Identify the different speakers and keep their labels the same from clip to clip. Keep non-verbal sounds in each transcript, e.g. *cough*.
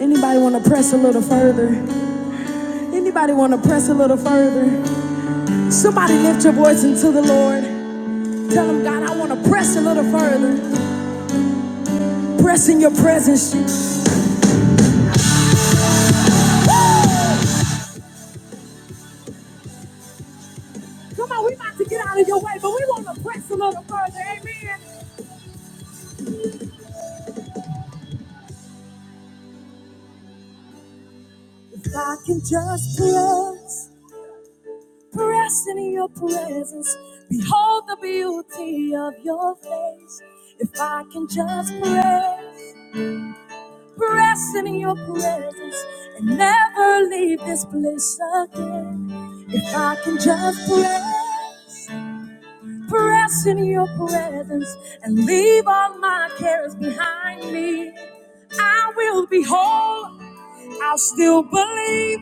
Speaker 1: Anybody want to press a little further? Anybody want to press a little further? Somebody lift your voice into the Lord. Tell him, God, I want to press a little further. Press in your presence. Come on, we about to get out of your way, but we want to press a little further. Amen. If I can just press, press in your presence. Behold the beauty of your face. If I can just press. Press in your presence and never leave this place again. If I can just press, press in your presence and leave all my cares behind me, I will be whole. I'll still believe.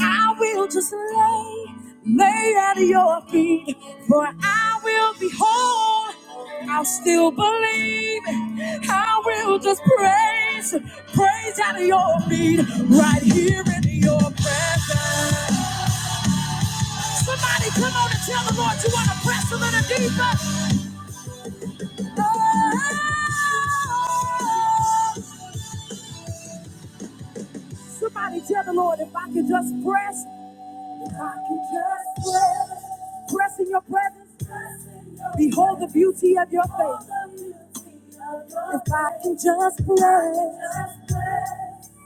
Speaker 1: I will just lay, lay at your feet, for I will behold. I'll still believe. I will just praise, praise at your feet, right here in your presence. Somebody come on and tell the Lord you want to press a little deeper. Lord. Somebody tell the Lord if I can just press. I can just press, press in your presence, behold the beauty of your face. If I can just press,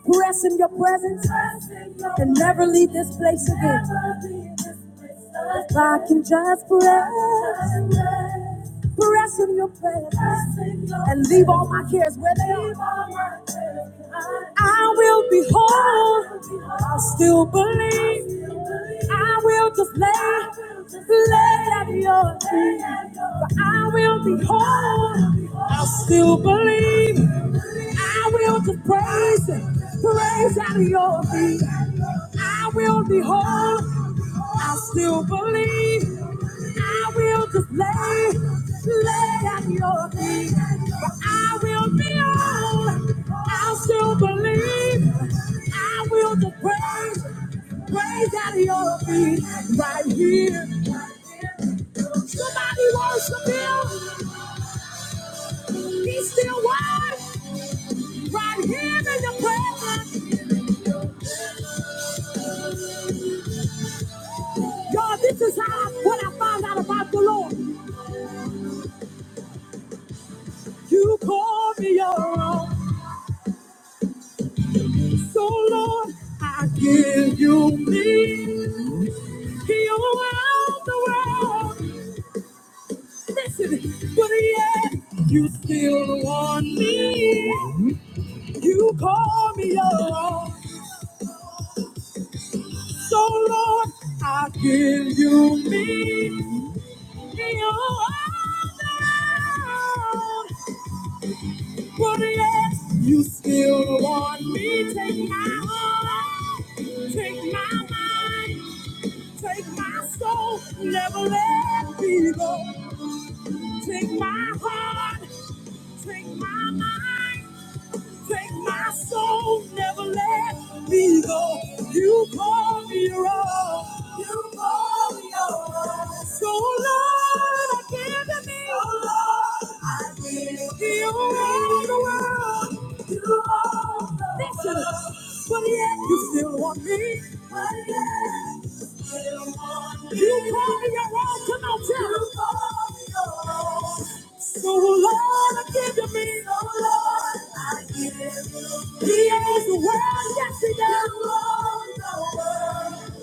Speaker 1: press in your presence, and never leave this place again. If I can just press, press in your presence and leave all my cares where they are. I will be whole. I still believe. I will just lay, lay at your feet. But I will be whole. I still believe. I will just praise, praise at your feet. I will be whole. I still believe I will just lay, lay at your feet. But I will be on. I still believe I will just praise, praise at your feet right here. Somebody worship him. He's still worth right here in the presence. Y'all, this is how what I found out about the Lord. You call me your own. So Lord, I give you me. You're around the world. Listen, but yet you still want me. You call me your own. So Lord, I give you me. You're around the world. But yet you still want me. Take my heart, take my mind. Take my soul, never let me go. Take my heart, take my mind. Take my soul, never let me go. You call me your own. You call me your own. So Lord, I give to me. Oh Lord, I give to you all the world. You all the world. Listen, but yet you still want me. But yet you still want me. You call me your own. Come on, tell me. You call me your own. So Lord, I give to me. Oh Lord. He is the world yesterday,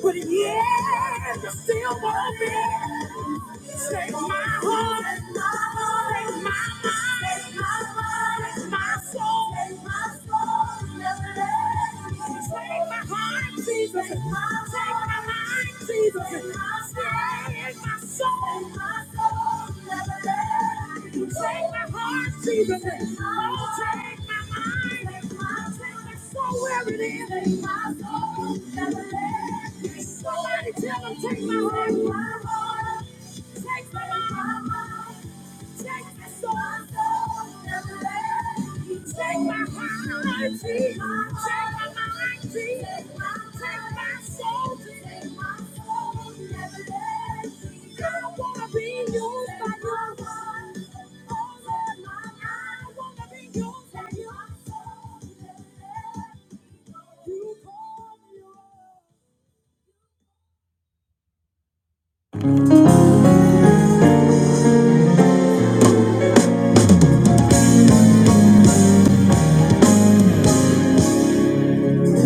Speaker 1: but he is the silver fish. Take my heart, take my mind, take my mind, take my soul, take my soul, never let me. Take my heart, Jesus, take my mind, Jesus, oh, take my mind, take my heart, where take my soul, never let. Somebody tell them, take my heart, my heart, take my so I go never let you Take my heart, take my mind, take my, take my soul, take my soul, never let me go. I don't wanna be used by your love, all of my I wanna be used by your soul, never let me go.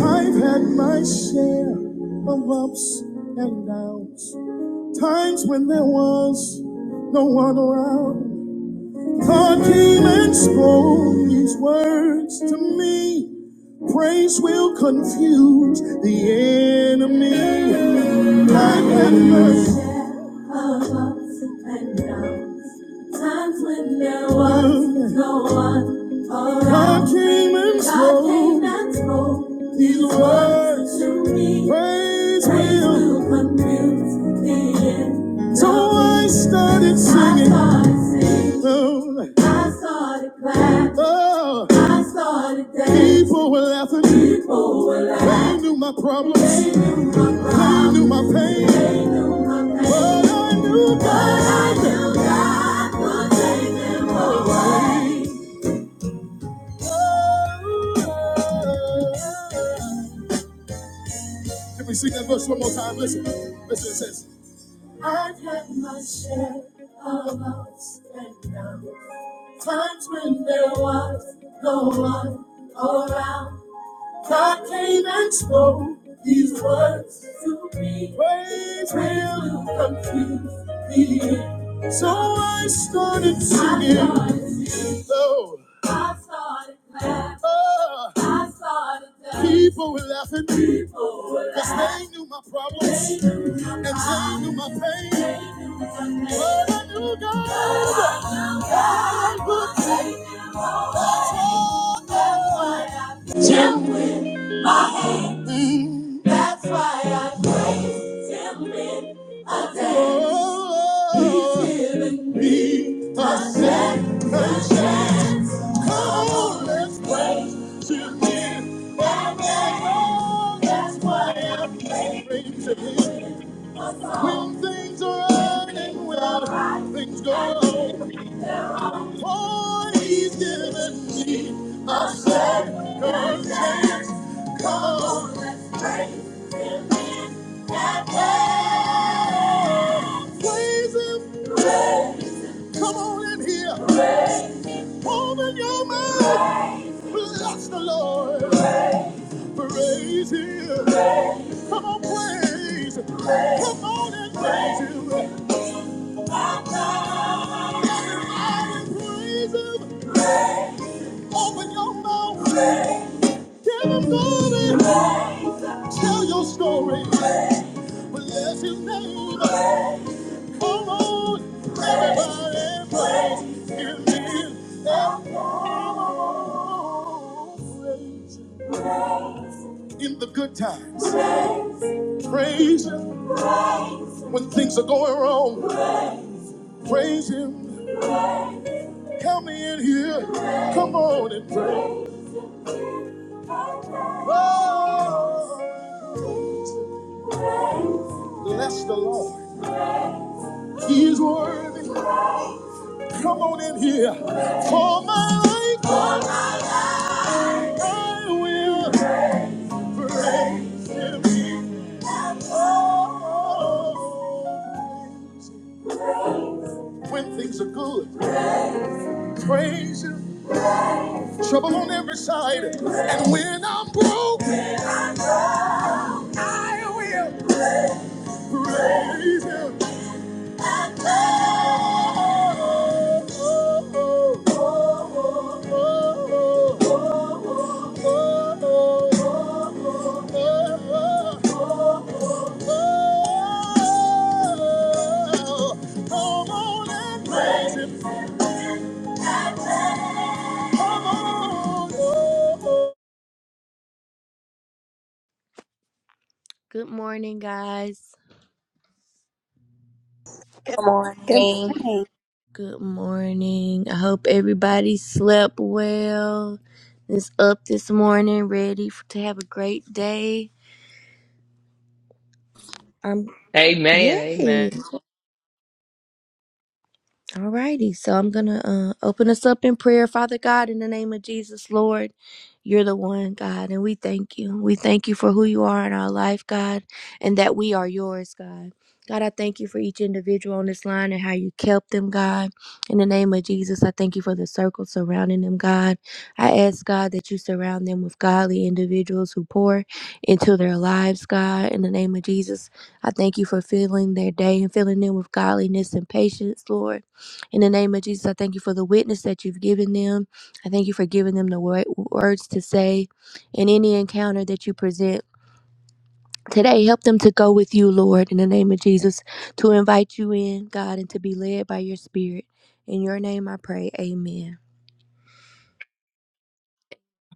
Speaker 1: I've had my share of ups and downs. Times when there was no one around, God came and spoke these words to me. Praise will confuse the enemy. Time and mercy. Above ups and downs. Times when there was no one around. God came and spoke. God came and spoke his word to me. Praise will will come to the end. So I started singing. I started singing. Lord. I started clapping. Oh. I started dancing. People were laughing. People were laughing. They knew my problems. They knew my problems. They knew my pain. They knew my pain. But I knew God. But I knew God would take them away. Can we sing that verse one more time? Listen. Listen, it says. I've had my share of ups and downs. Times when there was no one around. God came and spoke these words to me. Praise will confuse the end. So I started singing. I started singing. So I started laughing. Oh. I started dancing. People were laughing. People were Cause they knew my problems. They knew my and they knew my pain. They knew my pain. But I knew God. But I knew God. God would take them away. That's why I feel. Mm. That's why I praise him in a day. Oh, He's given me a second chance. Come on, let's praise to in that day. Oh, that's why I praise him. When things are right and well, things go. Lord, he's given me a circumstance. Come on, let's praise him in advance. Praise him. Praise. Come on in here. Praise. Open your mouth. Praise. Bless the Lord. Praise, praise him. Praise. Come on, praise. praise. Come on and praise him. Everybody praise him. Open your mouth. Praise. Give him glory. Praise. Tell your story, bless his name. Come on, everybody, praise him in every praise. in the good times. Praise Him when things are going wrong. Praise Him. Come in here. Come on and pray. Oh, bless the Lord. He is worthy. Come on in here. For my life, I will. Praise Him. Oh, When things are good, praise Him. Trouble on every side, and when I'm broke, praise Him. Good morning, guys.
Speaker 2: Good
Speaker 3: Good
Speaker 2: morning.
Speaker 3: morning.
Speaker 1: Good morning. I hope everybody slept well. Is up this morning, ready f- to have a great day.
Speaker 4: Amen.
Speaker 1: Yay!
Speaker 4: Amen.
Speaker 1: Alrighty, so I'm gonna uh, open us up in prayer, Father God, in the name of Jesus, Lord. You're the one, God, and we thank you. We thank you for who you are in our life, God, and that we are yours, God. God, I thank you for each individual on this line and how you kept them, God. In the name of Jesus, I thank you for the circle surrounding them, God. I ask, God, that you surround them with godly individuals who pour into their lives, God. In the name of Jesus, I thank you for filling their day and filling them with godliness and patience, Lord. In the name of Jesus, I thank you for the witness that you've given them. I thank you for giving them the wor- words to say in any encounter that you present. Today, help them to go with you, Lord, in the name of Jesus, to invite you in, God, and to be led by your spirit. In your name I pray. Amen.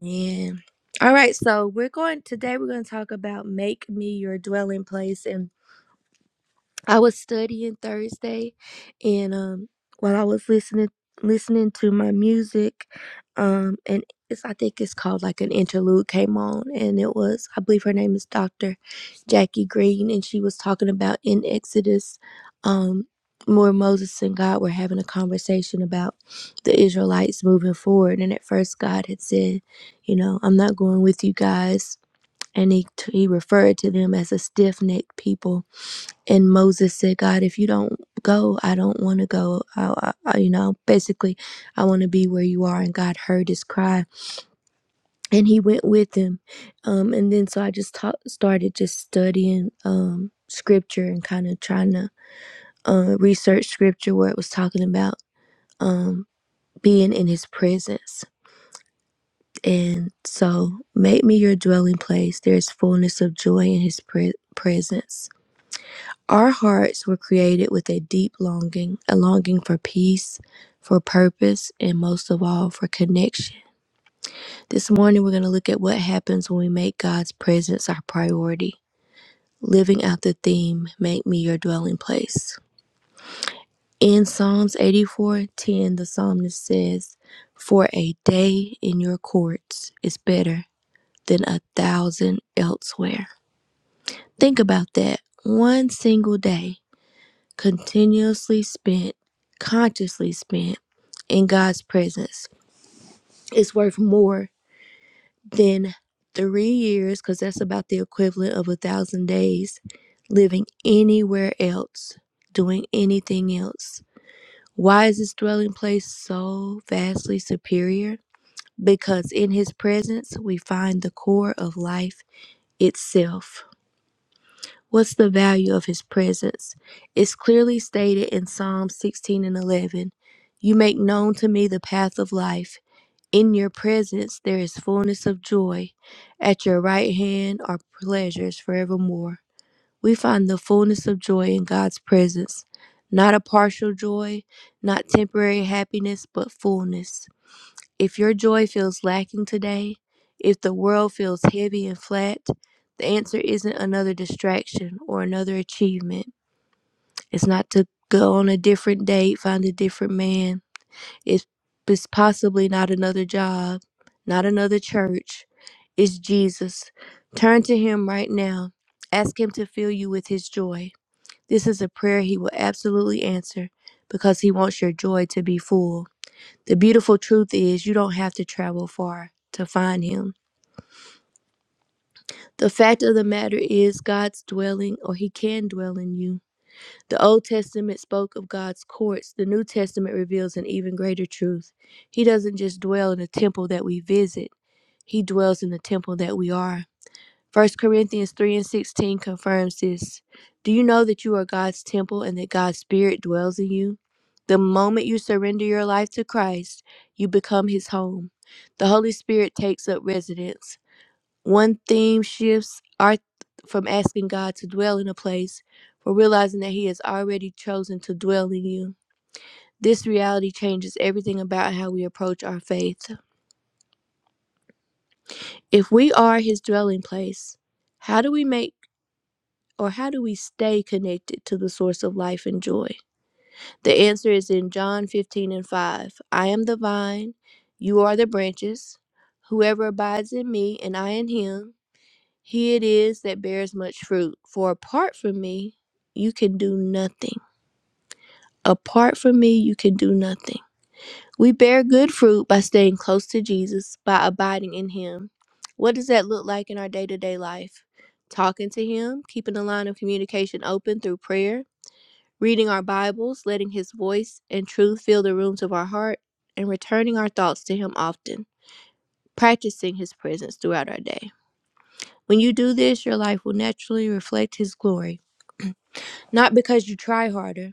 Speaker 1: Amen. All right, so we're going today we're going to talk about make me your dwelling place and I was studying Thursday, and um, while I was listening listening to my music, um, and it's I think it's called like an interlude came on, and it was I believe her name is Doctor Jackie Green, and she was talking about in Exodus, um, where Moses and God were having a conversation about the Israelites moving forward, and at first God had said, you know, I'm not going with you guys, and he he referred to them as a stiff necked people and Moses said, God, if you don't go, I don't want to go. I, I, you know, basically, I want to be where you are. And God heard his cry and he went with him. Um, and then so I just ta- started just studying um, scripture and kind of trying to uh, research scripture where it was talking about um, being in his presence. And so, make me your dwelling place. There's fullness of joy in his pre- presence Our hearts were created with a deep longing, a longing for peace, for purpose, and most of all, for connection. This morning, we're going to look at what happens when we make God's presence our priority. Living out the theme, Make Me Your Dwelling Place. In Psalms 84, 10, the psalmist says, For a day in your courts is better than a thousand elsewhere. Think about that. One single day continuously spent, consciously spent in God's presence is worth more than three years, because that's about the equivalent of a thousand days living anywhere else, doing anything else. Why is this dwelling place so vastly superior? Because in his presence we find the core of life itself. What's the value of his presence? It's clearly stated in Psalm 16 and 11. You make known to me the path of life. In your presence there is fullness of joy. At your right hand are pleasures forevermore. We find the fullness of joy in God's presence, not a partial joy, not temporary happiness, but fullness. If your joy feels lacking today, if the world feels heavy and flat, the answer isn't another distraction or another achievement. It's not to go on a different date, find a different man. It's, it's possibly not another job, not another church. It's Jesus. Turn to Him right now. Ask Him to fill you with His joy. This is a prayer He will absolutely answer because He wants your joy to be full. The beautiful truth is, you don't have to travel far to find him. The fact of the matter is, God's dwelling, or he can dwell in you. The Old Testament spoke of God's courts, the New Testament reveals an even greater truth. He doesn't just dwell in a temple that we visit, he dwells in the temple that we are. First Corinthians 3 and 16 confirms this. Do you know that you are God's temple and that God's Spirit dwells in you? The moment you surrender your life to Christ, you become His home. The Holy Spirit takes up residence. One theme shifts our from asking God to dwell in a place for realizing that He has already chosen to dwell in you. This reality changes everything about how we approach our faith. If we are His dwelling place, how do we make or how do we stay connected to the source of life and joy? The answer is in John 15 and 5. I am the vine, you are the branches. Whoever abides in me and I in him, he it is that bears much fruit. For apart from me, you can do nothing. Apart from me, you can do nothing. We bear good fruit by staying close to Jesus, by abiding in him. What does that look like in our day to day life? Talking to him, keeping the line of communication open through prayer, reading our Bibles, letting His voice and truth fill the rooms of our heart, and returning our thoughts to Him often, practicing His presence throughout our day. When you do this, your life will naturally reflect His glory, not because you try harder,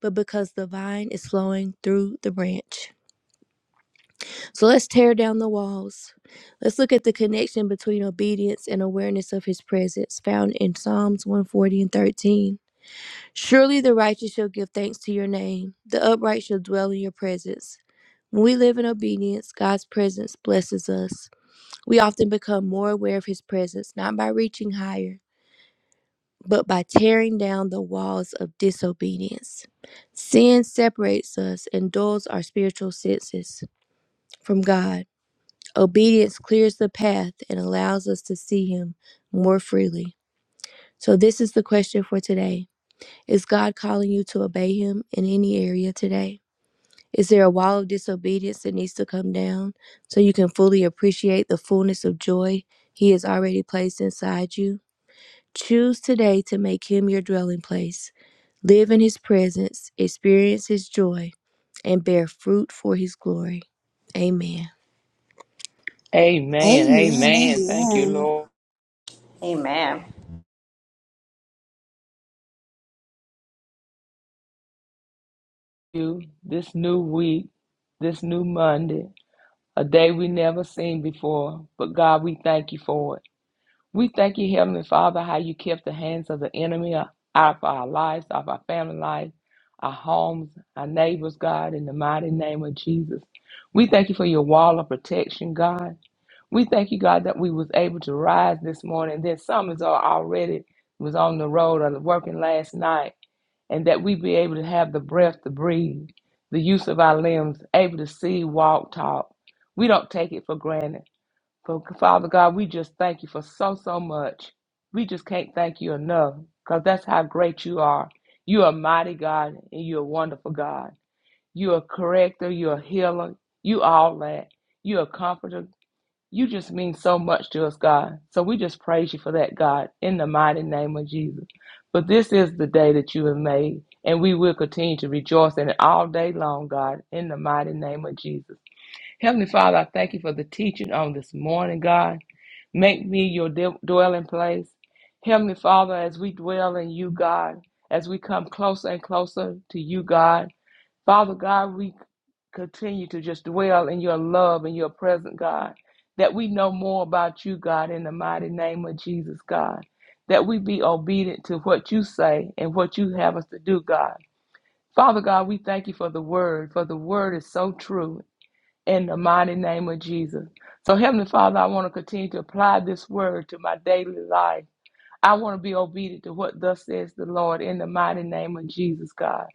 Speaker 1: but because the vine is flowing through the branch. So let's tear down the walls. Let's look at the connection between obedience and awareness of His presence found in Psalms 140 and 13. Surely the righteous shall give thanks to your name, the upright shall dwell in your presence. When we live in obedience, God's presence blesses us. We often become more aware of His presence, not by reaching higher, but by tearing down the walls of disobedience. Sin separates us and dulls our spiritual senses from God. Obedience clears the path and allows us to see Him more freely. So, this is the question for today Is God calling you to obey Him in any area today? Is there a wall of disobedience that needs to come down so you can fully appreciate the fullness of joy He has already placed inside you? Choose today to make Him your dwelling place. Live in His presence, experience His joy, and bear fruit for His glory. Amen.
Speaker 4: Amen. Amen. Thank you,
Speaker 3: Amen. Amen.
Speaker 4: Lord.
Speaker 2: Amen.
Speaker 4: You this new week, this new Monday, a day we never seen before. But God, we thank you for it. We thank you, Heavenly Father, how you kept the hands of the enemy out of our lives, of our family life, our homes, our neighbors, God, in the mighty name of Jesus. We thank you for your wall of protection, God. We thank you, God, that we was able to rise this morning. That some is al- already was on the road or working last night, and that we be able to have the breath to breathe, the use of our limbs, able to see, walk, talk. We don't take it for granted. So, Father God, we just thank you for so, so much. We just can't thank you enough because that's how great you are. You are mighty God and you're a wonderful God. You're a corrector, you're a healer, you all that. You're a comforter. You just mean so much to us, God. So we just praise you for that, God, in the mighty name of Jesus. But this is the day that you have made, and we will continue to rejoice in it all day long, God, in the mighty name of Jesus. Heavenly Father, I thank you for the teaching on this morning, God. Make me your de- dwelling place. Heavenly Father, as we dwell in you, God, as we come closer and closer to you, God, Father God, we continue to just dwell in your love and your presence, God, that we know more about you, God, in the mighty name of Jesus, God, that we be obedient to what you say and what you have us to do, God. Father God, we thank you for the word, for the word is so true in the mighty name of Jesus. So, Heavenly Father, I want to continue to apply this word to my daily life. I want to be obedient to what thus says the Lord in the mighty name of Jesus, God.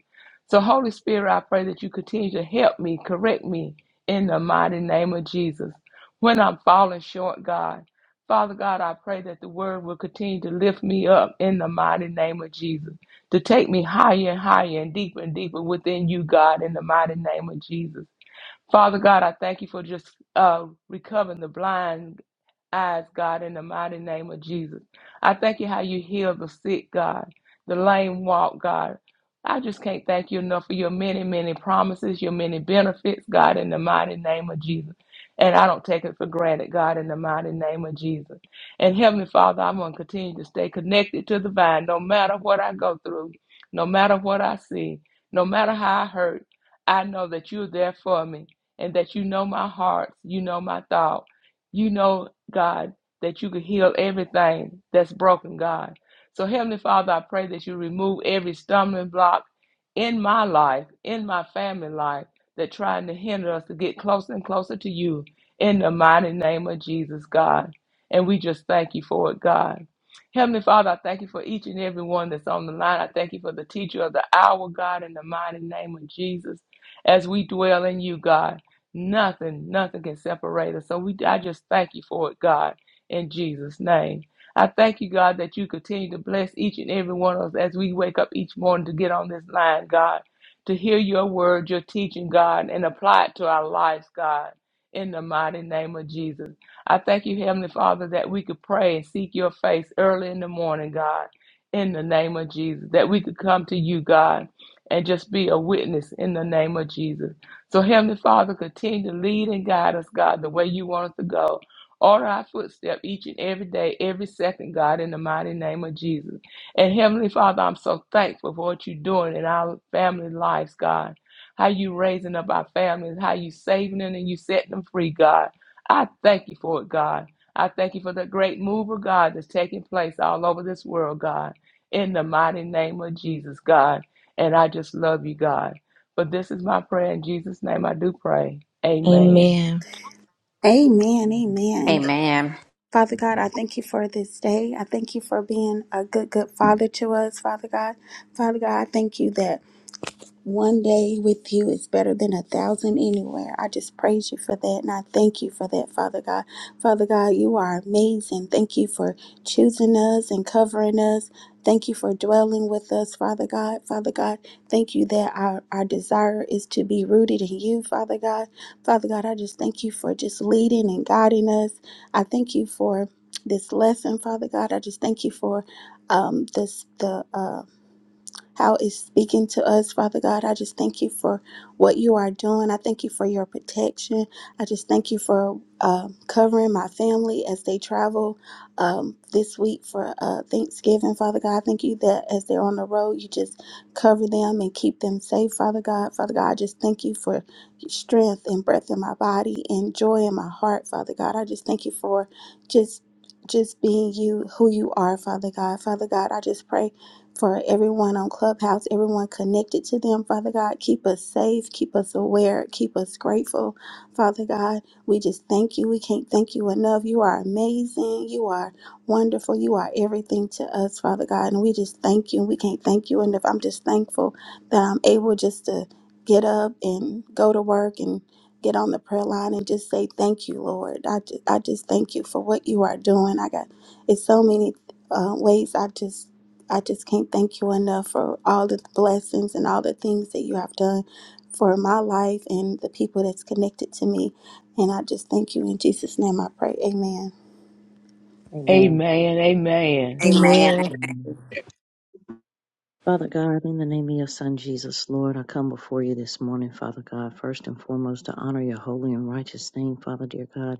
Speaker 4: So, Holy Spirit, I pray that you continue to help me, correct me in the mighty name of Jesus. When I'm falling short, God, Father God, I pray that the word will continue to lift me up in the mighty name of Jesus, to take me higher and higher and deeper and deeper within you, God, in the mighty name of Jesus. Father God, I thank you for just uh, recovering the blind, eyes, God, in the mighty name of Jesus. I thank you how you heal the sick, God, the lame walk, God. I just can't thank you enough for your many, many promises, your many benefits, God, in the mighty name of Jesus. And I don't take it for granted, God, in the mighty name of Jesus. And Heavenly Father, I'm going to continue to stay connected to the vine no matter what I go through, no matter what I see, no matter how I hurt. I know that you're there for me and that you know my heart, you know my thought, you know God, that you could heal everything that's broken, God. So, Heavenly Father, I pray that you remove every stumbling block in my life, in my family life, that trying to hinder us to get closer and closer to you in the mighty name of Jesus, God. And we just thank you for it, God. Heavenly Father, I thank you for each and every one that's on the line. I thank you for the teacher of the hour, God, in the mighty name of Jesus, as we dwell in you, God. Nothing, nothing can separate us. So we, I just thank you for it, God, in Jesus' name. I thank you, God, that you continue to bless each and every one of us as we wake up each morning to get on this line, God, to hear your word, your teaching, God, and apply it to our lives, God, in the mighty name of Jesus. I thank you, Heavenly Father, that we could pray and seek your face early in the morning, God, in the name of Jesus, that we could come to you, God, and just be a witness in the name of Jesus. So, Heavenly Father, continue to lead and guide us, God, the way you want us to go. Order our footstep each and every day, every second, God, in the mighty name of Jesus. And Heavenly Father, I'm so thankful for what you're doing in our family lives, God. How you raising up our families, how you saving them and you setting them free, God. I thank you for it, God. I thank you for the great move of God that's taking place all over this world, God. In the mighty name of Jesus, God. And I just love you, God. But this is my prayer in Jesus' name. I do pray. Amen.
Speaker 1: Amen.
Speaker 3: Amen.
Speaker 5: Amen.
Speaker 3: Amen.
Speaker 2: Amen.
Speaker 3: Father God, I
Speaker 6: Amen.
Speaker 3: thank you for this day. I thank you for being a good, good father to us, Father God. Father God, I thank you that One day with you is better than a thousand anywhere. I just praise you for that and I thank you for that, Father God. Father God, you are amazing. Thank you for choosing us and covering us. Thank you for dwelling with us, Father God. Father God, thank you that our, our desire is to be rooted in you, Father God. Father God, I just thank you for just leading and guiding us. I thank you for this lesson, Father God. I just thank you for um, this the um how it's speaking to us, Father God. I just thank you for what you are doing. I thank you for your protection. I just thank you for um, covering my family as they travel um, this week for uh, Thanksgiving, Father God. I thank you that as they're on the road, you just cover them and keep them safe, Father God. Father God, I just thank you for strength and breath in my body and joy in my heart, Father God. I just thank you for just just being you who you are father god father god i just pray for everyone on Clubhouse, everyone connected to them. Father God, keep us safe, keep us aware, keep us grateful. Father God, we just thank you. We can't thank you enough. You are amazing. You are wonderful. You are everything to us, Father God. And we just thank you. We can't thank you enough. I'm just thankful that I'm able just to get up and go to work and get on the prayer line and just say thank you, Lord. I just, I just thank you for what you are doing. I got it's so many uh, ways I just I just can't thank you enough for all the blessings and all the things that you have done for my life and the people that's connected to me. And I just thank you in Jesus' name. I pray. Amen.
Speaker 4: Amen. Amen.
Speaker 2: Amen.
Speaker 1: Amen.
Speaker 5: Amen. Father God, in the name of your Son Jesus, Lord, I come before you this morning, Father God, first and foremost to honor your holy and righteous name, Father dear God.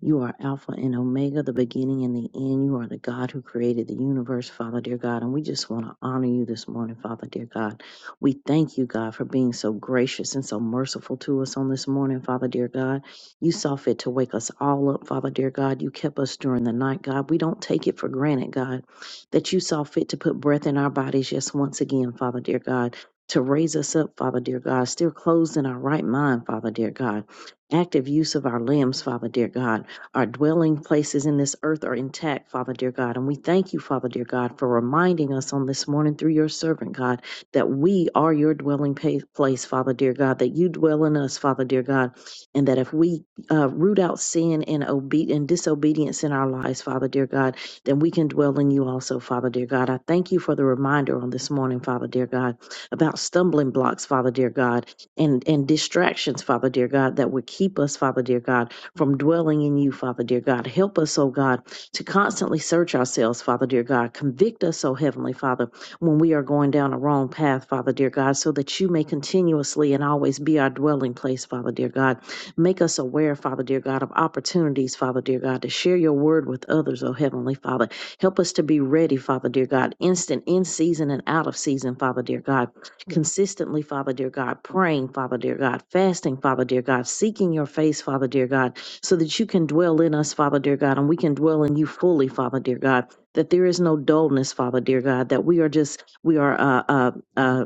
Speaker 5: You are Alpha and Omega, the beginning and the end. You are the God who created the universe, Father, dear God. And we just want to honor you this morning, Father, dear God. We thank you, God, for being so gracious and so merciful to us on this morning, Father, dear God. You saw fit to wake us all up, Father, dear God. You kept us during the night, God. We don't take it for granted, God, that you saw fit to put breath in our bodies just once again, Father, dear God. To raise us up, Father, dear God, still closed in our right mind, Father, dear God. Active use of our limbs, Father, dear God our dwelling places in this earth are intact, Father dear God. And we thank you, Father dear God, for reminding us on this morning through your servant, God, that we are your dwelling pa- place, Father dear God, that you dwell in us, Father dear God, and that if we uh, root out sin and, obe- and disobedience in our lives, Father dear God, then we can dwell in you also, Father dear God. I thank you for the reminder on this morning, Father dear God, about stumbling blocks, Father dear God, and, and distractions, Father dear God, that would keep us, Father dear God from dwelling in you, Father dear God. Help us, oh God, to constantly search ourselves, Father dear God. Convict us, oh Heavenly Father, when we are going down a wrong path, Father dear God, so that you may continuously and always be our dwelling place, Father dear God. Make us aware, Father dear God, of opportunities, Father dear God, to share your word with others, oh Heavenly Father. Help us to be ready, Father dear God, instant, in season, and out of season, Father dear God consistently, Father dear God, praying, Father dear God, fasting, Father dear God, seeking your face, Father dear God, so that you can dwell in us, Father dear God, and we can dwell in you fully, Father dear God. That there is no dullness, Father dear God. That we are just we are uh uh uh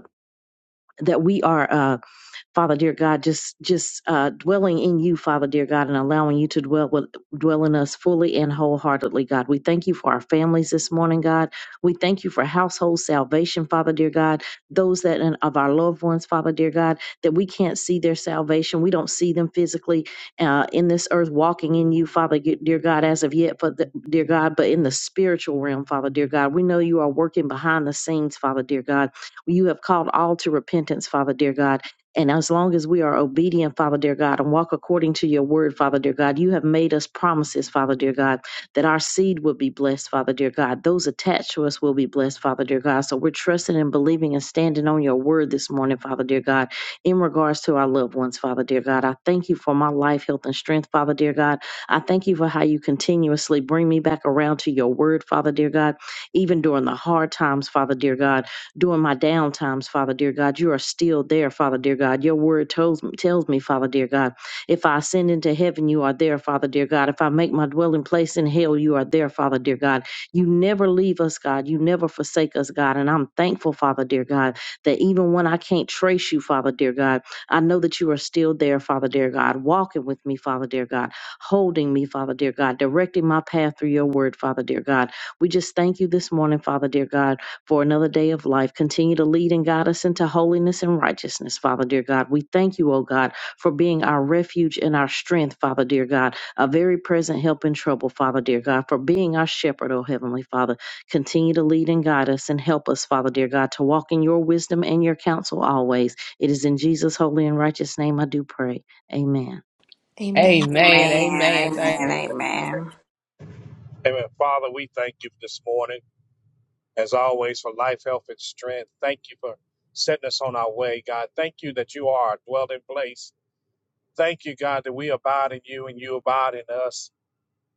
Speaker 5: that we are uh Father dear God, just just uh, dwelling in you, Father dear God, and allowing you to dwell with dwell in us fully and wholeheartedly, God. We thank you for our families this morning, God. We thank you for household salvation, Father dear God. Those that and of our loved ones, Father dear God, that we can't see their salvation, we don't see them physically uh, in this earth walking in you, Father dear God, as of yet, but the, dear God, but in the spiritual realm, Father dear God, we know you are working behind the scenes, Father dear God. You have called all to repentance, Father dear God and as long as we are obedient, Father dear God, and walk according to your word, Father dear God, you have made us promises, Father dear God, that our seed will be blessed, Father dear God. Those attached to us will be blessed, Father dear God. So we're trusting and believing and standing on your word this morning, Father dear God, in regards to our loved ones, Father dear God. I thank you for my life, health, and strength, Father dear God. I thank you for how you continuously bring me back around to your word, Father dear God, even during the hard times, Father dear God during my down times, Father dear God. You are still there, Father dear God. Your word tells me, tells me, Father dear God, if I ascend into heaven, you are there, Father dear God. If I make my dwelling place in hell, you are there, Father dear God. You never leave us, God. You never forsake us, God. And I'm thankful, Father dear God, that even when I can't trace you, Father dear God, I know that you are still there, Father dear God, walking with me, Father dear God, holding me, Father dear God, directing my path through your word, Father dear God. We just thank you this morning, Father dear God for another day of life. Continue to lead and guide us into holiness and righteousness, Father dear God. We thank you, O God, for being our refuge and our strength, Father dear God, a very present help in trouble, Father dear God, for being our shepherd, O Heavenly Father. Continue to lead and guide us and help us, Father dear God, to walk in your wisdom and your counsel always. It is in Jesus' holy and righteous name I do pray. Amen.
Speaker 1: Amen.
Speaker 4: Amen.
Speaker 2: Amen.
Speaker 4: Amen. Thank.
Speaker 2: Amen.
Speaker 7: Amen.
Speaker 2: Amen.
Speaker 6: Father, we thank you this morning, as always, for life, health, and strength. Thank you for setting us on our way, God. Thank you that you are a dwelling place. Thank you, God, that we abide in you and you abide in us.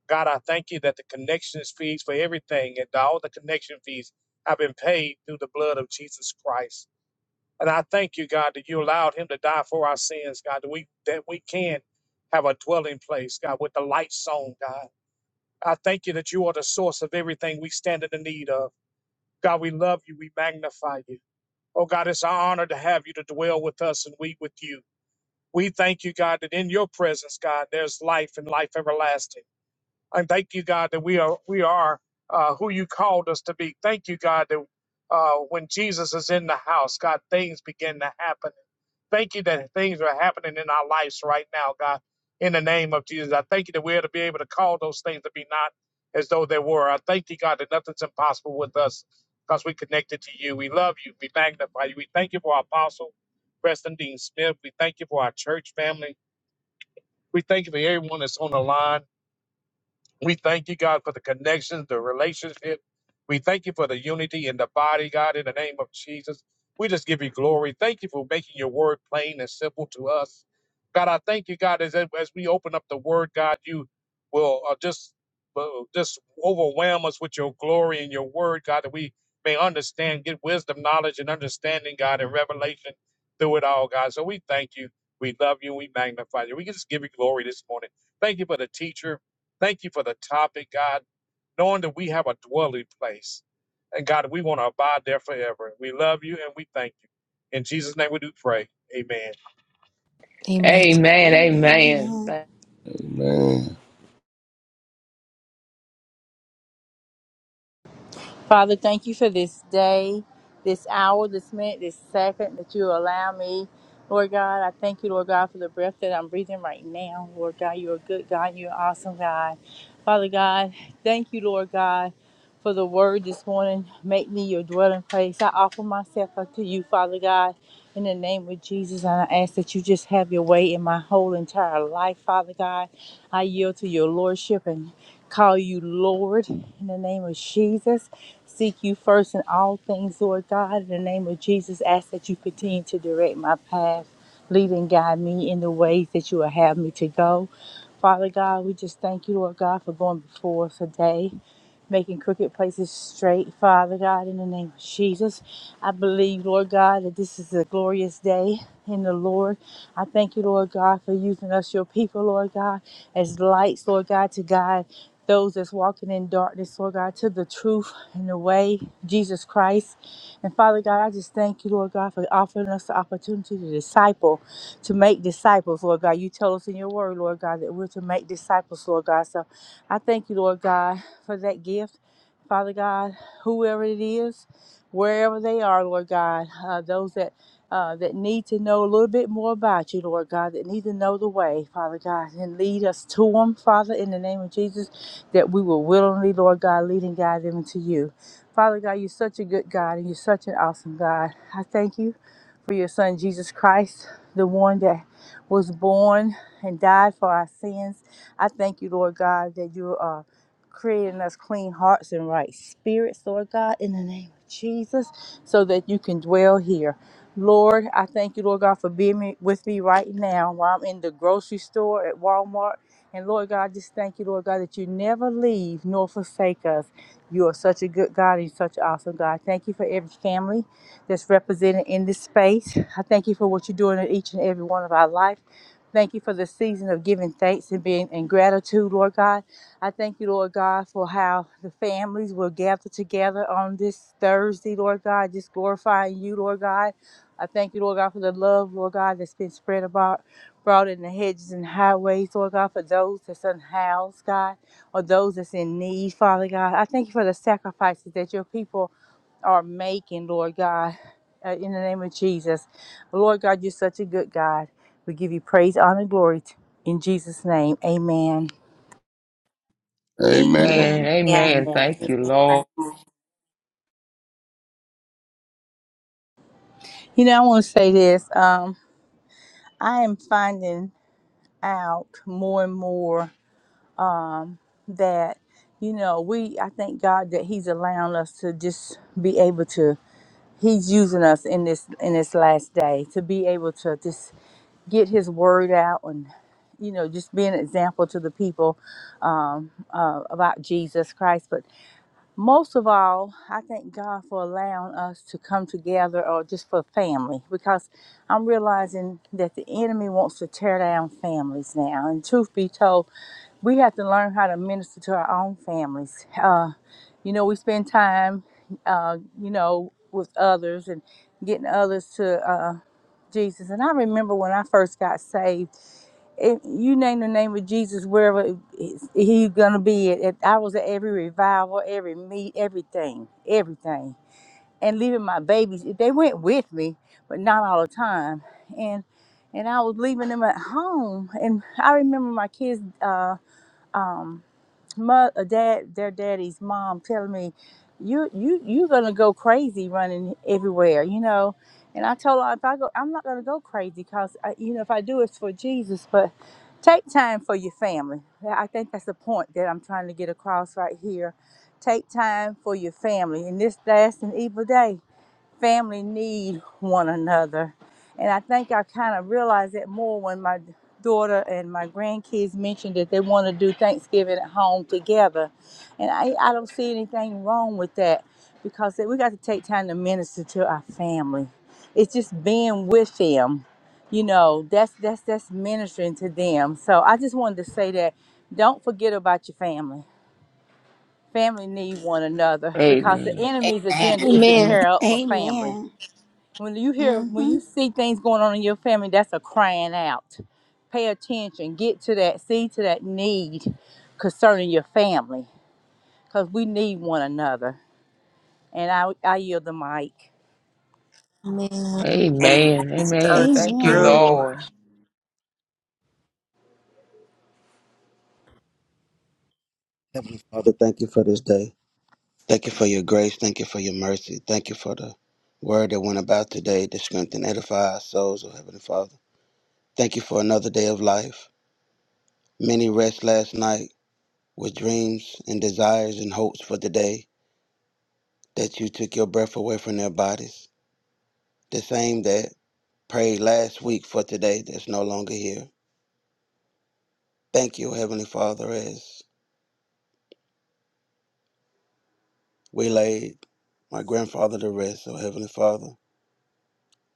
Speaker 6: God, I thank you that the connection fees for everything and all the connection fees have been paid through the blood of Jesus Christ. And I thank you, God, that you allowed him to die for our sins, God, that we that we can have a dwelling place, God, with the lights on, God. I thank you that you are the source of everything we stand in the need of. God, we love you. We magnify you. Oh, God, it's our honor to have you to dwell with us and we with you. We thank you, God, that in your presence, God, there's life and life everlasting. And thank you, God, that we are we are uh, who you called us to be. Thank you, God, that uh, when Jesus is in the house, God, things begin to happen. Thank you that things are happening in our lives right now, God. In the name of Jesus, I thank you that we're to be able to call those things to be not as though they were. I thank you, God, that nothing's impossible with us because we connected to you. We love you. We magnify you. We thank you for our apostle, Preston Dean Smith. We thank you for our church family. We thank you for everyone that's on the line. We thank you, God, for the connections, the relationship. We thank you for the unity in the body, God, in the name of Jesus. We just give you glory. Thank you for making your word plain and simple to us. God, I thank you, God, as, as we open up the word, God, you will uh, just will just overwhelm us with your glory and your word, God, that we may understand, get wisdom, knowledge, and understanding, God, and revelation through it all, God. So we thank you. We love you. We magnify you. We just give you glory this morning. Thank you for the teacher. Thank you for the topic, God, knowing that we have a dwelling place. And God, we want to abide there forever. We love you and we thank you. In Jesus' name we do pray. Amen.
Speaker 1: Amen.
Speaker 4: Amen. Amen.
Speaker 3: Amen.
Speaker 4: Thank,
Speaker 7: Amen.
Speaker 8: Father, thank you for this day, this hour, this minute, this second that you allow me. Lord God, I thank you, Lord God, for the breath that I'm breathing right now. Lord God, you're a good God. You're an awesome God. Father God, thank you, Lord God, for the word this morning. Make me your dwelling place. I offer myself up to you, Father God, in the name of Jesus. And I ask that you just have your way in my whole entire life, Father God. I yield to your lordship and call you Lord in the name of Jesus. Seek you first in all things, Lord God. In the name of Jesus, ask that you continue to direct my path, lead and guide me in the ways that you will have me to go. Father God, we just thank you, Lord God, for going before us today making crooked places straight, Father God, in the name of Jesus. I believe, Lord God, that this is a glorious day in the Lord. I thank you, Lord God, for using us, your people, Lord God, as lights, Lord God, to guide those that's walking in darkness, Lord God, to the truth and the way, Jesus Christ. And Father God, I just thank you, Lord God, for offering us the opportunity to disciple, to make disciples, Lord God. You tell us in your word, Lord God, that we're to make disciples, Lord God. So I thank you, Lord God, for that gift. Father God, whoever it is, wherever they are, Lord God, uh, those that uh, that need to know a little bit more about you, Lord God, that need to know the way, Father God, and lead us to them, Father, in the name of Jesus, that we will willingly, Lord God, lead and guide them into you. Father God, you're such a good God and you're such an awesome God. I thank you for your son Jesus Christ, the one that was born and died for our sins. I thank you, Lord God, that you are creating us clean hearts and right spirits, Lord God, in the name of Jesus, so that you can dwell here. Lord, I thank you, Lord God, for being me, with me right now while I'm in the grocery store at Walmart. And Lord God, just thank you, Lord God, that you never leave nor forsake us. You are such a good God and such an awesome God. Thank you for every family that's represented in this space. I thank you for what you're doing in each and every one of our life. Thank you for the season of giving thanks and being in gratitude, Lord God. I thank you, Lord God, for how the families will gather together on this Thursday, Lord God, just glorifying you, Lord God. I thank you, Lord God, for the love, Lord God, that's been spread about, brought in the hedges and highways, Lord God, for those that's unhoused, God or those that's in need, Father God. I thank you for the sacrifices that your people are making, Lord God, uh, in the name of Jesus. Lord God, you're such a good God. We give you praise, honor, and glory t- in Jesus' name. Amen.
Speaker 3: Amen.
Speaker 7: Amen.
Speaker 3: Amen.
Speaker 4: amen.
Speaker 2: Yeah.
Speaker 4: Amen. Thank you, Lord.
Speaker 2: Amen.
Speaker 8: You know, I want to say this. Um, I am finding out more and more that, you know, we, I thank God that He's allowing us to just be able to. he's using us in this in this last day to be able to just get his word out and you know just be an example to the people um, uh, about jesus christ but most of all, I thank God for allowing us to come together or just for family because I'm realizing that the enemy wants to tear down families now. And truth be told, we have to learn how to minister to our own families. Uh, you know, we spend time, uh, you know, with others and getting others to uh, Jesus. And I remember when I first got saved if you name the name of Jesus wherever he's gonna be at, I was at every revival, every meet, everything, everything, and leaving my babies. They went with me, but not all the time. And and I was leaving them at home, and I remember my kids. Uh, um, mother, dad, their daddy's mom telling me, "You, you, you're gonna go crazy running everywhere," you know. And I told her, "If I go, I'm not gonna go crazy because, you know, if I do, it's for Jesus. But take time for your family. Yeah, I think that's the point that I'm trying to get across right here. Take time for your family in this last and evil day family need one another. And I think I kind of realized that more when my daughter and my grandkids mentioned that they want to do Thanksgiving at home together. And I, I don't see anything wrong with that because we got to take time to minister to our family. It's just being with them. You know, that's that's that's ministering to them. So I just wanted to say that don't forget about your family. Family need one another because the
Speaker 4: Amen.
Speaker 8: enemy's agenda is
Speaker 2: Amen.
Speaker 8: to
Speaker 2: Amen.
Speaker 1: Amen.
Speaker 8: tear up a family
Speaker 3: Amen.
Speaker 8: when you hear, when
Speaker 3: Mm-hmm.
Speaker 8: you see things going on in your family, that's a crying out. Pay attention. Get to that. See to that need concerning your family, because we need one another. And I, I yield the mic.
Speaker 1: Amen.
Speaker 2: Amen.
Speaker 4: Amen.
Speaker 2: So
Speaker 4: Amen. Thank you,
Speaker 3: Amen.
Speaker 2: true.
Speaker 4: Lord.
Speaker 9: Heavenly Father, thank you for this day. Thank you for your grace. Thank you for your mercy. Thank you for the word that went about today to strengthen and edify our souls, oh Heavenly Father. Thank you for another day of life. Many rest last night with dreams and desires and hopes for the day that you took your breath away from their bodies. The same that prayed last week for today that's no longer here. Thank you, oh Heavenly Father, as we laid my grandfather to rest, oh Heavenly Father,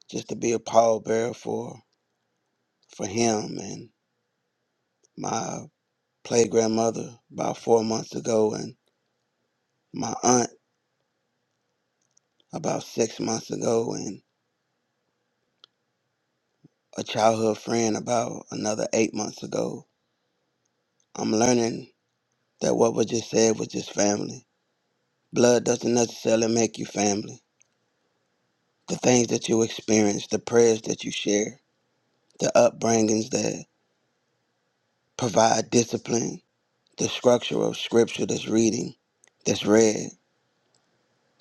Speaker 9: just to be a pallbearer for for him and my play grandmother about four months ago and my aunt about six months ago and a childhood friend about another eight months ago. I'm learning that what was just said was just family. Blood doesn't necessarily make you family. The things that you experience, the prayers that you share, the upbringings that provide discipline, the structure of scripture that's reading, that's read,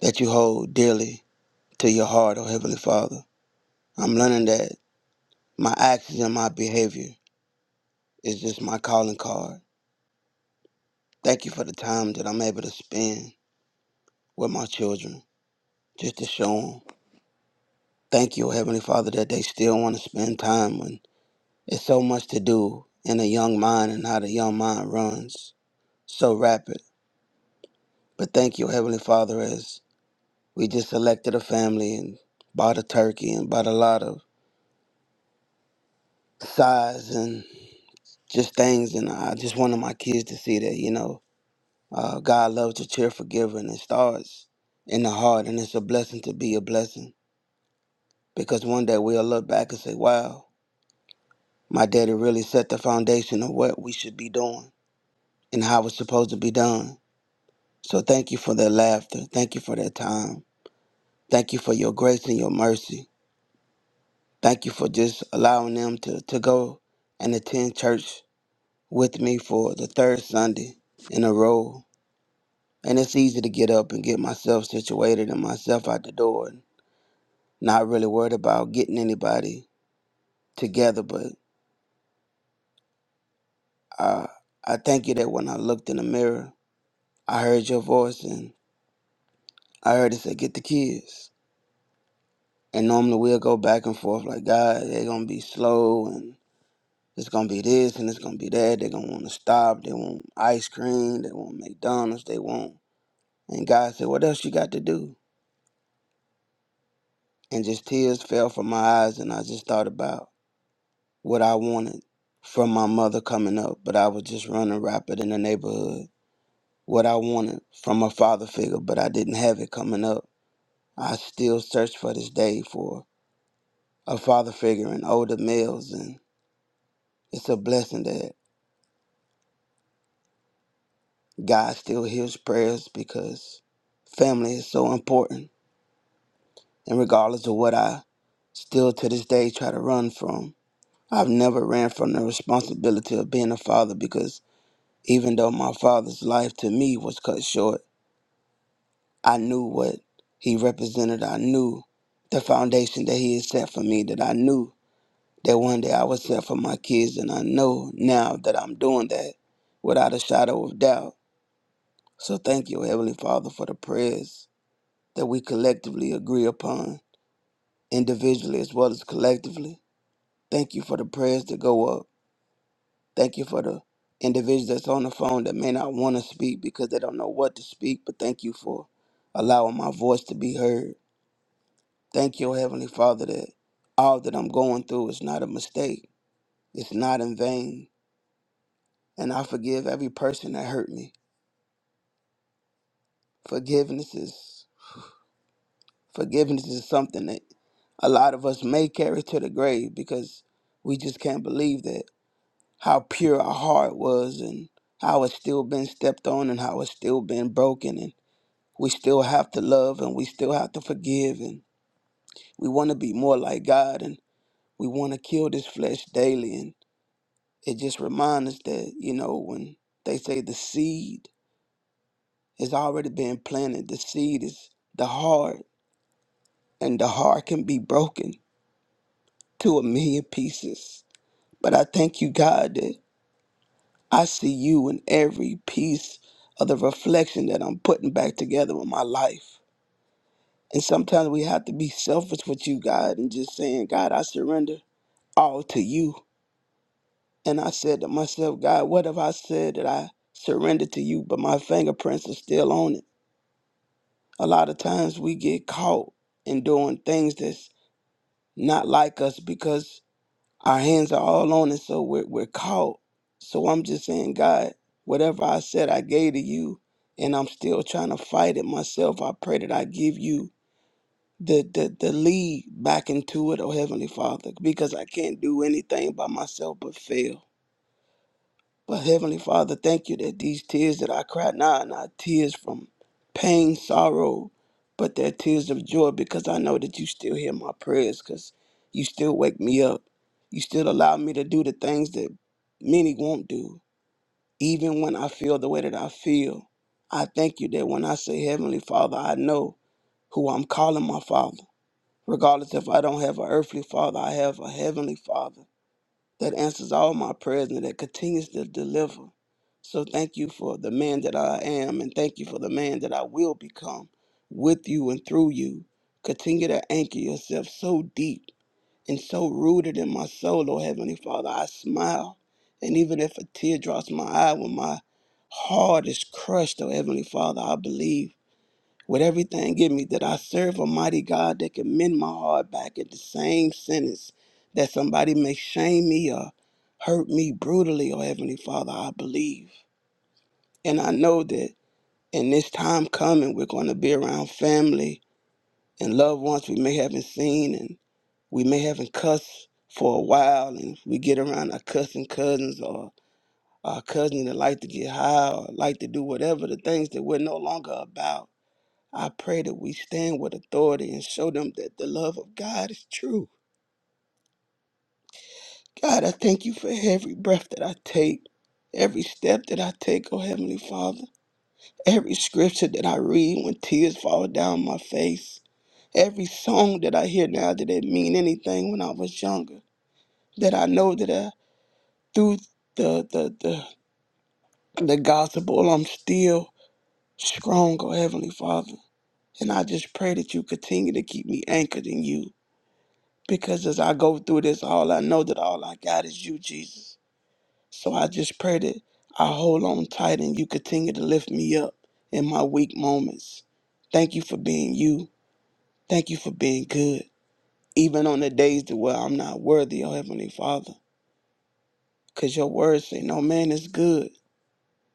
Speaker 9: that you hold dearly to your heart, O Heavenly Father I'm learning that my actions and my behavior is just my calling card. Thank you for the time that I'm able to spend with my children, just to show them. Thank you, Heavenly Father, that they still want to spend time when it's so much to do in a young mind and how the young mind runs so rapid. But thank you, Heavenly Father, as we just elected a family and bought a turkey and bought a lot of size and just things. And I just wanted my kids to see that, you know, Uh, God loves to cheer, giver, it starts in the heart, and it's a blessing to be a blessing because one day we'll look back and say, "Wow, my daddy really set the foundation of what we should be doing and how it's supposed to be done." So thank you for that laughter. Thank you for that time. Thank you for your grace and your mercy. Thank you for just allowing them to, to go and attend church with me for the third Sunday in a row. And it's easy to get up and get myself situated and myself out the door Not really worried about getting anybody together, but uh, I thank you that when I looked in the mirror, I heard your voice and I heard it say, Get the kids. And normally we'll go back and forth like, God, they're going to be slow and it's going to be this and it's going to be that. They're going to want to stop. They want ice cream. They want McDonald's. They want. And God said, What else you got to do? And just tears fell from my eyes and I just thought about what I wanted from my mother coming up, but I was just running rapid in the neighborhood what I wanted from a father figure, but I didn't have it coming up. I still search for this day for a father figure in older males, and it's a blessing that God still hears prayers because family is so important. And regardless of what I still to this day try to run from, I've never ran from the responsibility of being a father because even though my father's life to me was cut short, I knew what he represented. I knew the foundation that he had set for me, that I knew that one day I was set for my kids. And I know now that I'm doing that without a shadow of doubt. So thank you, Heavenly Father, for the prayers that we collectively agree upon, individually as well as collectively. Thank you for the prayers that go up. Thank you for the individuals that's on the phone that may not want to speak because they don't know what to speak, but thank you for allowing my voice to be heard. Thank you, Heavenly Father, that all that I'm going through is not a mistake. It's not in vain. And I forgive every person that hurt me. Forgiveness is forgiveness is something that a lot of us may carry to the grave because we just can't believe that how pure our heart was and how it's still been stepped on and how it's still been broken and we still have to love and we still have to forgive and we want to be more like God and we want to kill this flesh daily and It just reminds us that, you know, when they say the seed has already been planted, the seed is the heart, and the heart can be broken to a million pieces. But I thank you, God, that I see you in every piece of the reflection that I'm putting back together with my life. And sometimes we have to be selfish with you, God, and just saying, God, I surrender all to you. And I said to myself, God, what have I said that I surrendered to you, but my fingerprints are still on it? A lot of times we get caught in doing things that's not like us because our hands are all on it, so we're, we're caught. So I'm just saying, God, whatever I said I gave to you, and I'm still trying to fight it myself, I pray that I give you the, the, the lead back into it, oh Heavenly Father, because I can't do anything by myself but fail. But Heavenly Father, thank you that these tears that I cry now are not tears from pain, sorrow, but they're tears of joy because I know that you still hear my prayers because you still wake me up. You still allow me to do the things that many won't do, even when I feel the way that I feel. I thank you that when I say Heavenly Father, I know who I'm calling my Father. Regardless if I don't have an earthly Father, I have a Heavenly Father that answers all my prayers and that continues to deliver. So thank you for the man that I am and thank you for the man that I will become with you and through you. Continue to anchor yourself so deep and so rooted in my soul, oh Heavenly Father. I smile. And even if a tear drops my eye when my heart is crushed, oh Heavenly Father, I believe with everything in me that I serve a mighty God that can mend my heart back at the same sentence that somebody may shame me or hurt me brutally, oh Heavenly Father, I believe. And I know that in this time coming, we're going to be around family and loved ones we may haven't seen and we may haven't cussed for a while and we get around our cussing cousins or our cousins that like to get high or like to do whatever the things that we're no longer about I pray that we stand with authority and show them that the love of God is true. God, I thank you for every breath that I take, every step that I take, oh Heavenly Father, every scripture that I read when tears fall down my face, every song that I hear now that didn't mean anything when I was younger, that I know that I, through the, the, the, the gospel, I'm still strong, oh Heavenly Father. And I just pray that you continue to keep me anchored in you Because as I go through this, all I know that all I got is you, Jesus. So I just pray that I hold on tight and you continue to lift me up in my weak moments. Thank you for being you. Thank you for being good. Even on the days that where I'm not worthy, oh Heavenly Father. Cause your words say no man is good.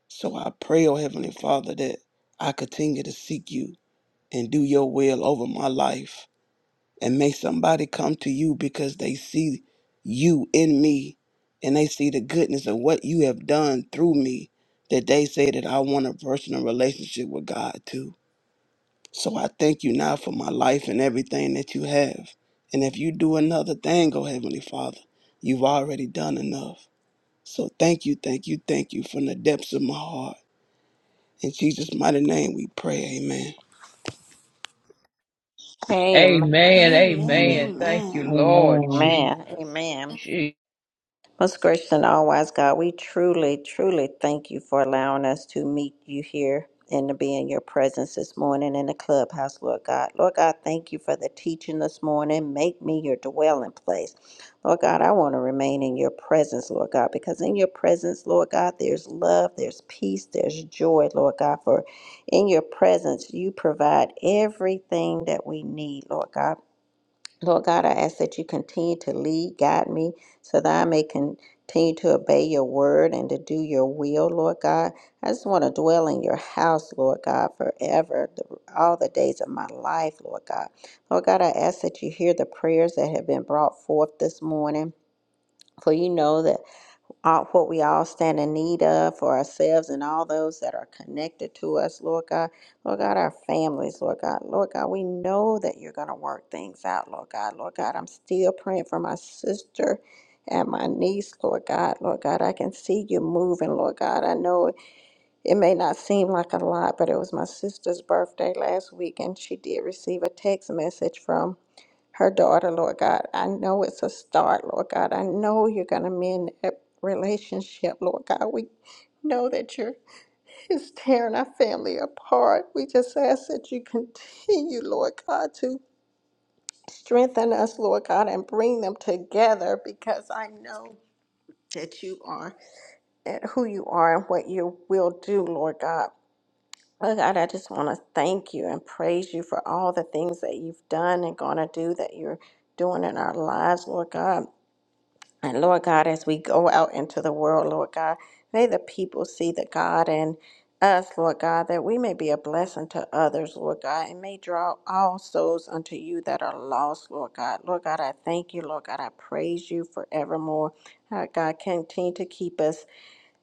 Speaker 9: So I pray, oh Heavenly Father, that I continue to seek you and do your will over my life And may somebody come to you because they see you in me and they see the goodness of what you have done through me that they say that I want a personal relationship with God too. So I thank you now for my life and everything that you have. And if you do another thing, oh Heavenly Father, you've already done enough. So thank you, thank you, thank you from the depths of my heart. In Jesus' mighty name we pray, amen.
Speaker 2: Amen.
Speaker 4: Amen.
Speaker 5: Amen.
Speaker 4: Amen. Thank you,
Speaker 3: Amen.
Speaker 4: Lord
Speaker 5: Amen.
Speaker 2: Amen.
Speaker 4: Jesus.
Speaker 2: Amen.
Speaker 4: Je-
Speaker 2: Most gracious and all wise God, we truly, truly thank you for allowing us to meet you here and to be in your presence this morning in the clubhouse, Lord God. Lord God, thank you for the teaching this morning. Make me your dwelling place. Lord God, I want to remain in your presence, Lord God, because in your presence, Lord God, there's love, there's peace, there's joy, Lord God, for in your presence, you provide everything that we need, Lord God. Lord God, I ask that you continue to lead, guide me, so that I may continue to obey your word and to do your will, Lord God. I just want to dwell in your house, Lord God, forever, the- all the days of my life, Lord God. Lord God, I ask that you hear the prayers that have been brought forth this morning. For you know that all, what we all stand in need of for ourselves and all those that are connected to us, Lord God. Lord God, our families, Lord God. Lord God, we know that you're going to work things out, Lord God. Lord God, I'm still praying for my sister and my niece, Lord God. Lord God, I can see you moving, Lord God. I know it may not seem like a lot, but it was my sister's birthday last week, and she did receive a text message from her daughter, Lord God. I know it's a start, Lord God. I know you're going to mend that relationship, Lord God. We know that you're is tearing our family apart. We just ask that you continue, Lord God, to strengthen us, Lord God, and bring them together because I know that you are at who you are and what you will do, Lord God. Oh God, I just want to thank you and praise you for all the things that you've done and going to do that you're doing in our lives, Lord God. And Lord God, as we go out into the world, Lord God, may the people see the God in us, Lord God, that we may be a blessing to others, Lord God, and may draw all souls unto you that are lost, Lord God. Lord God, I thank you, Lord God. I praise you forevermore. Uh, God, continue to keep us.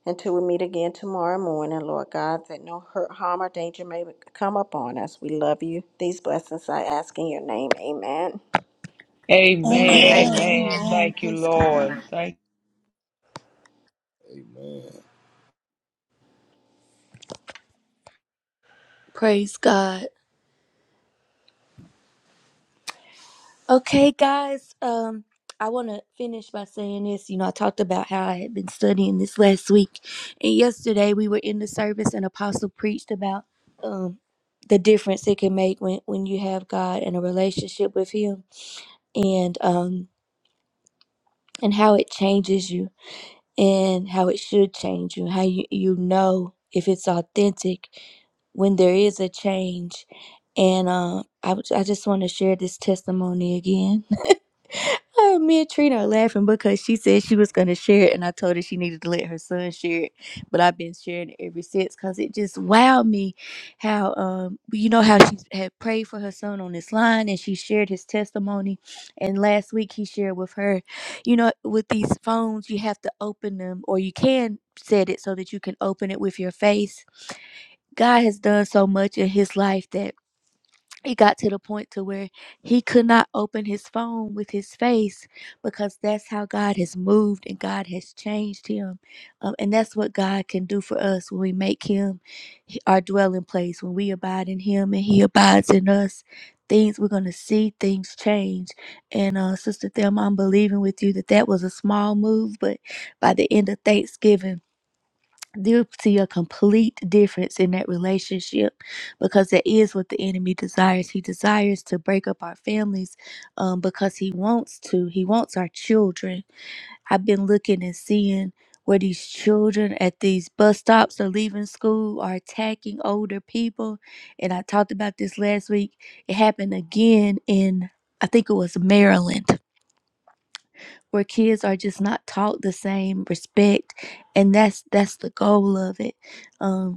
Speaker 2: Until we meet again tomorrow morning, Lord God, that no hurt, harm, or danger may come upon us. We love you. These blessings I ask in your name. Amen.
Speaker 3: Amen.
Speaker 4: Amen.
Speaker 8: Amen.
Speaker 3: Amen.
Speaker 4: Amen.
Speaker 3: Amen.
Speaker 4: Thank you,
Speaker 3: Praise God.
Speaker 4: Lord. Thank.
Speaker 7: Amen.
Speaker 1: Praise God. Okay, guys. Um, I want to finish by saying this. You know, I talked about how I had been studying this last week, and yesterday we were in the service, and Apostle preached about um the difference it can make when when you have God and a relationship with Him, and um and how it changes you, and how it should change you, how you you know if it's authentic when there is a change, and uh, I was- I just want to share this testimony again. *laughs* Uh, me and Trina are laughing because she said she was going to share it, and I told her she needed to let her son share it. But I've been sharing it ever since because it just wowed me how, um, well, you know, how she had prayed for her son on this line and she shared his testimony. And last week he shared with her, you know, with these phones, you have to open them or you can set it so that you can open it with your face. God has done so much in his life that it got to the point to where he could not open his phone with his face because that's how God has moved and God has changed him. Um, and that's what God can do for us when we make him our dwelling place, when we abide in him and he abides in us. Things we're going to see things change. And uh, Sister Thelma, I'm believing with you that that was a small move, but by the end of Thanksgiving, they'll see a complete difference in that relationship because that is what the enemy desires. He desires to break up our families um, because he wants to. He wants our children. I've been looking and seeing where these children at these bus stops are leaving school are attacking older people. And I talked about this last week. It happened again in, I think it was Maryland. Where kids are just not taught the same respect, and that's that's the goal of it. Um,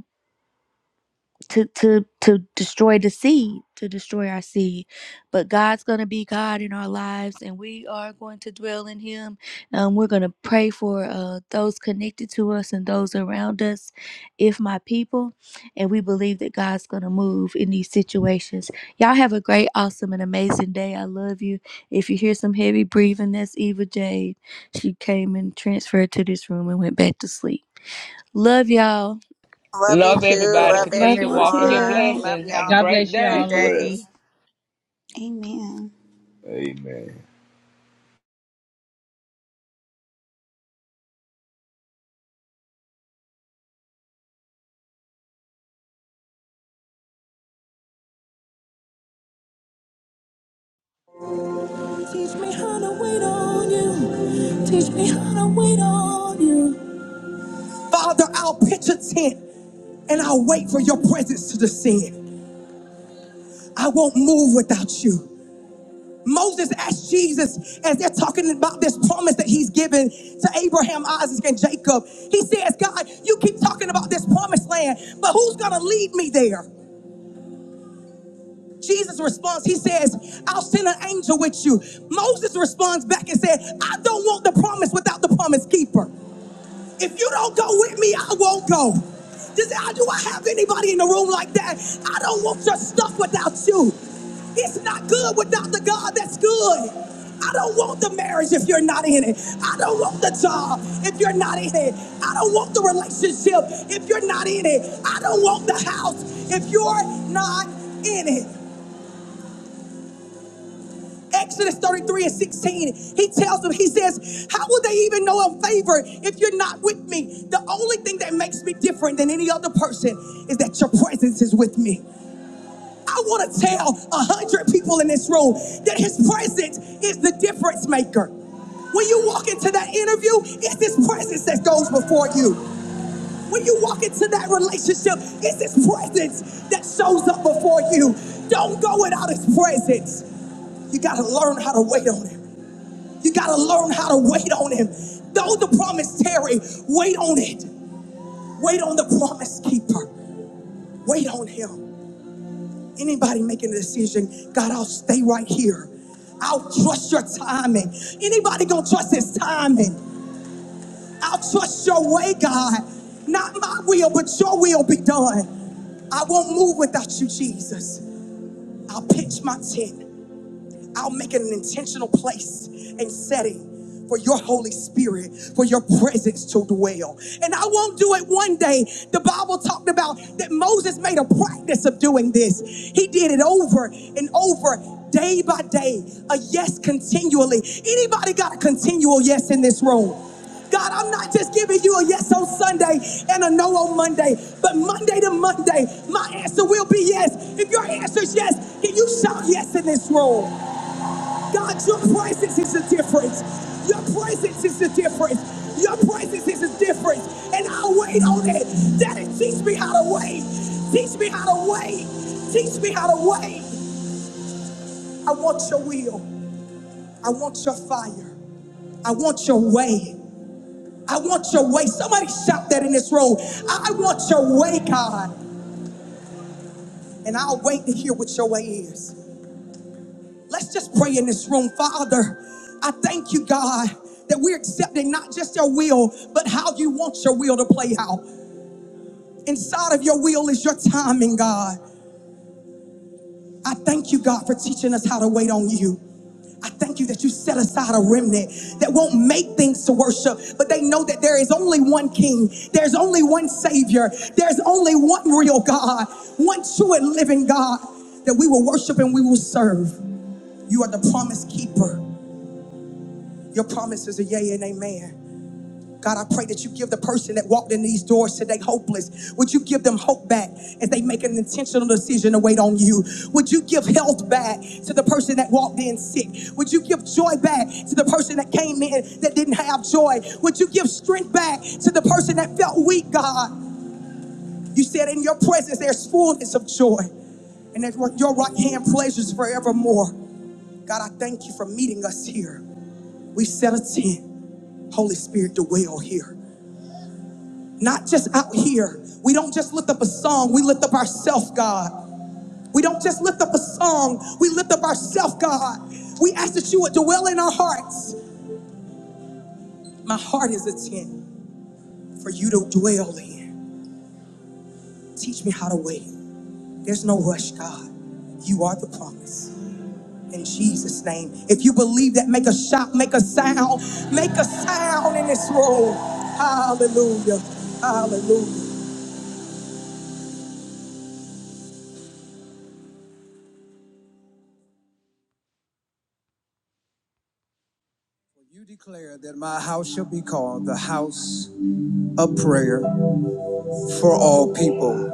Speaker 1: to to to destroy the seed to destroy our seed but god's going to be god in our lives and we are going to dwell in him Um, we're going to pray for uh, those connected to us and those around us if my people and we believe that god's going to move in these situations y'all have a great awesome and amazing day i love you if you hear some heavy breathing that's eva jade she came and transferred to this room and went back to sleep love y'all
Speaker 2: Love you
Speaker 4: Love
Speaker 2: too.
Speaker 4: everybody.
Speaker 7: Y'all
Speaker 2: Love
Speaker 7: have
Speaker 4: Continue
Speaker 3: Love
Speaker 7: a
Speaker 4: to
Speaker 3: you
Speaker 7: great
Speaker 4: walk in
Speaker 7: day.
Speaker 4: your
Speaker 3: too.
Speaker 2: everyone. Love
Speaker 4: blessings. Have a
Speaker 2: y'all.
Speaker 4: great
Speaker 7: Be
Speaker 2: Good
Speaker 4: day.
Speaker 2: day.
Speaker 7: blessed.
Speaker 3: Amen.
Speaker 7: Amen.
Speaker 1: Teach me how to wait on you. Teach me how to wait on you. Father, I'll pitch a tent and I'll wait for your presence to descend. I won't move without you. Moses asked Jesus as they're talking about this promise that he's given to Abraham, Isaac, and Jacob. He says, God, you keep talking about this promised land, but who's going to lead me there? Jesus responds, he says, I'll send an angel with you. Moses responds back and said, I don't want the promise without the promise keeper. If you don't go with me, I won't go. Does, I- do I have anybody in the room like that? I don't want your stuff without you. It's not good without the God that's good. I don't want the marriage if you're not in it. I don't want the job if you're not in it. I don't want the relationship if you're not in it. I don't want the house if you're not in it. Exodus 33 and 16, he tells them, he says, How will they even know of favor if you're not with me? The only thing that makes me different than any other person is that your presence is with me. I want to tell a hundred people in this room that his presence is the difference maker. When you walk into that interview, it's His presence that goes before you. When you walk into that relationship, it's His presence that shows up before you. Don't go without his presence. You got to learn how to wait on him. You got to learn how to wait on him. Though the promise tarry, wait on it. Wait on the promise keeper. Wait on him. Anybody making a decision, God, I'll stay right here. I'll trust your timing. Anybody gonna trust his timing? I'll trust your way, God. Not my will, but your will be done. I won't move without you, Jesus. I'll pitch my tent. I'll make it an intentional place and setting for your Holy Spirit, for your presence to dwell. And I won't do it one day. The Bible talked about that Moses made a practice of doing this. He did it over and over, day by day, a yes continually. Anybody got a continual yes in this room? God, I'm not just giving you a yes on Sunday and a no on Monday, but Monday to Monday, my answer will be yes. If your answer is yes, can you shout yes in this room? God, your presence is the difference. Your presence is the difference. Your presence is the difference. And I'll wait on it. Daddy, teach me how to wait. Teach me how to wait. Teach me how to wait. I want your will. I want your fire. I want your way. I want your way. Somebody shout that in this room. I want your way, God. And I'll wait to hear what your way is. Let's just pray in this room, Father. I thank you, God, that we're accepting not just your will, but how you want your will to play out. Inside of your will is your timing, God. I thank you, God, for teaching us how to wait on you. I thank you that you set aside a remnant that won't make things to worship, but they know that there is only one King, there's only one Savior, there's only one real God, one true and living God that we will worship and we will serve. You are the promise keeper. Your promises are a yea and amen. God, I pray that you give the person that walked in these doors today hopeless. Would you give them hope back as they make an intentional decision to wait on you? Would you give health back to the person that walked in sick? Would you give joy back to the person that came in that didn't have joy? Would you give strength back to the person that felt weak, God? You said in your presence there's fullness of joy, and that your right hand pleasures forevermore. God, I thank you for meeting us here. We set a tent, Holy Spirit, to dwell here. Not just out here. We don't just lift up a song, we lift up ourselves, God. We don't just lift up a song, we lift up ourselves, God. We ask that you would dwell in our hearts. My heart is a tent for you to dwell in. Teach me how to wait. There's no rush, God. You are the promise. in Jesus' name. If you believe that, make a shout, make a sound, make a sound in this room. Hallelujah. Hallelujah. You declare that my house shall be called the house of prayer for all people.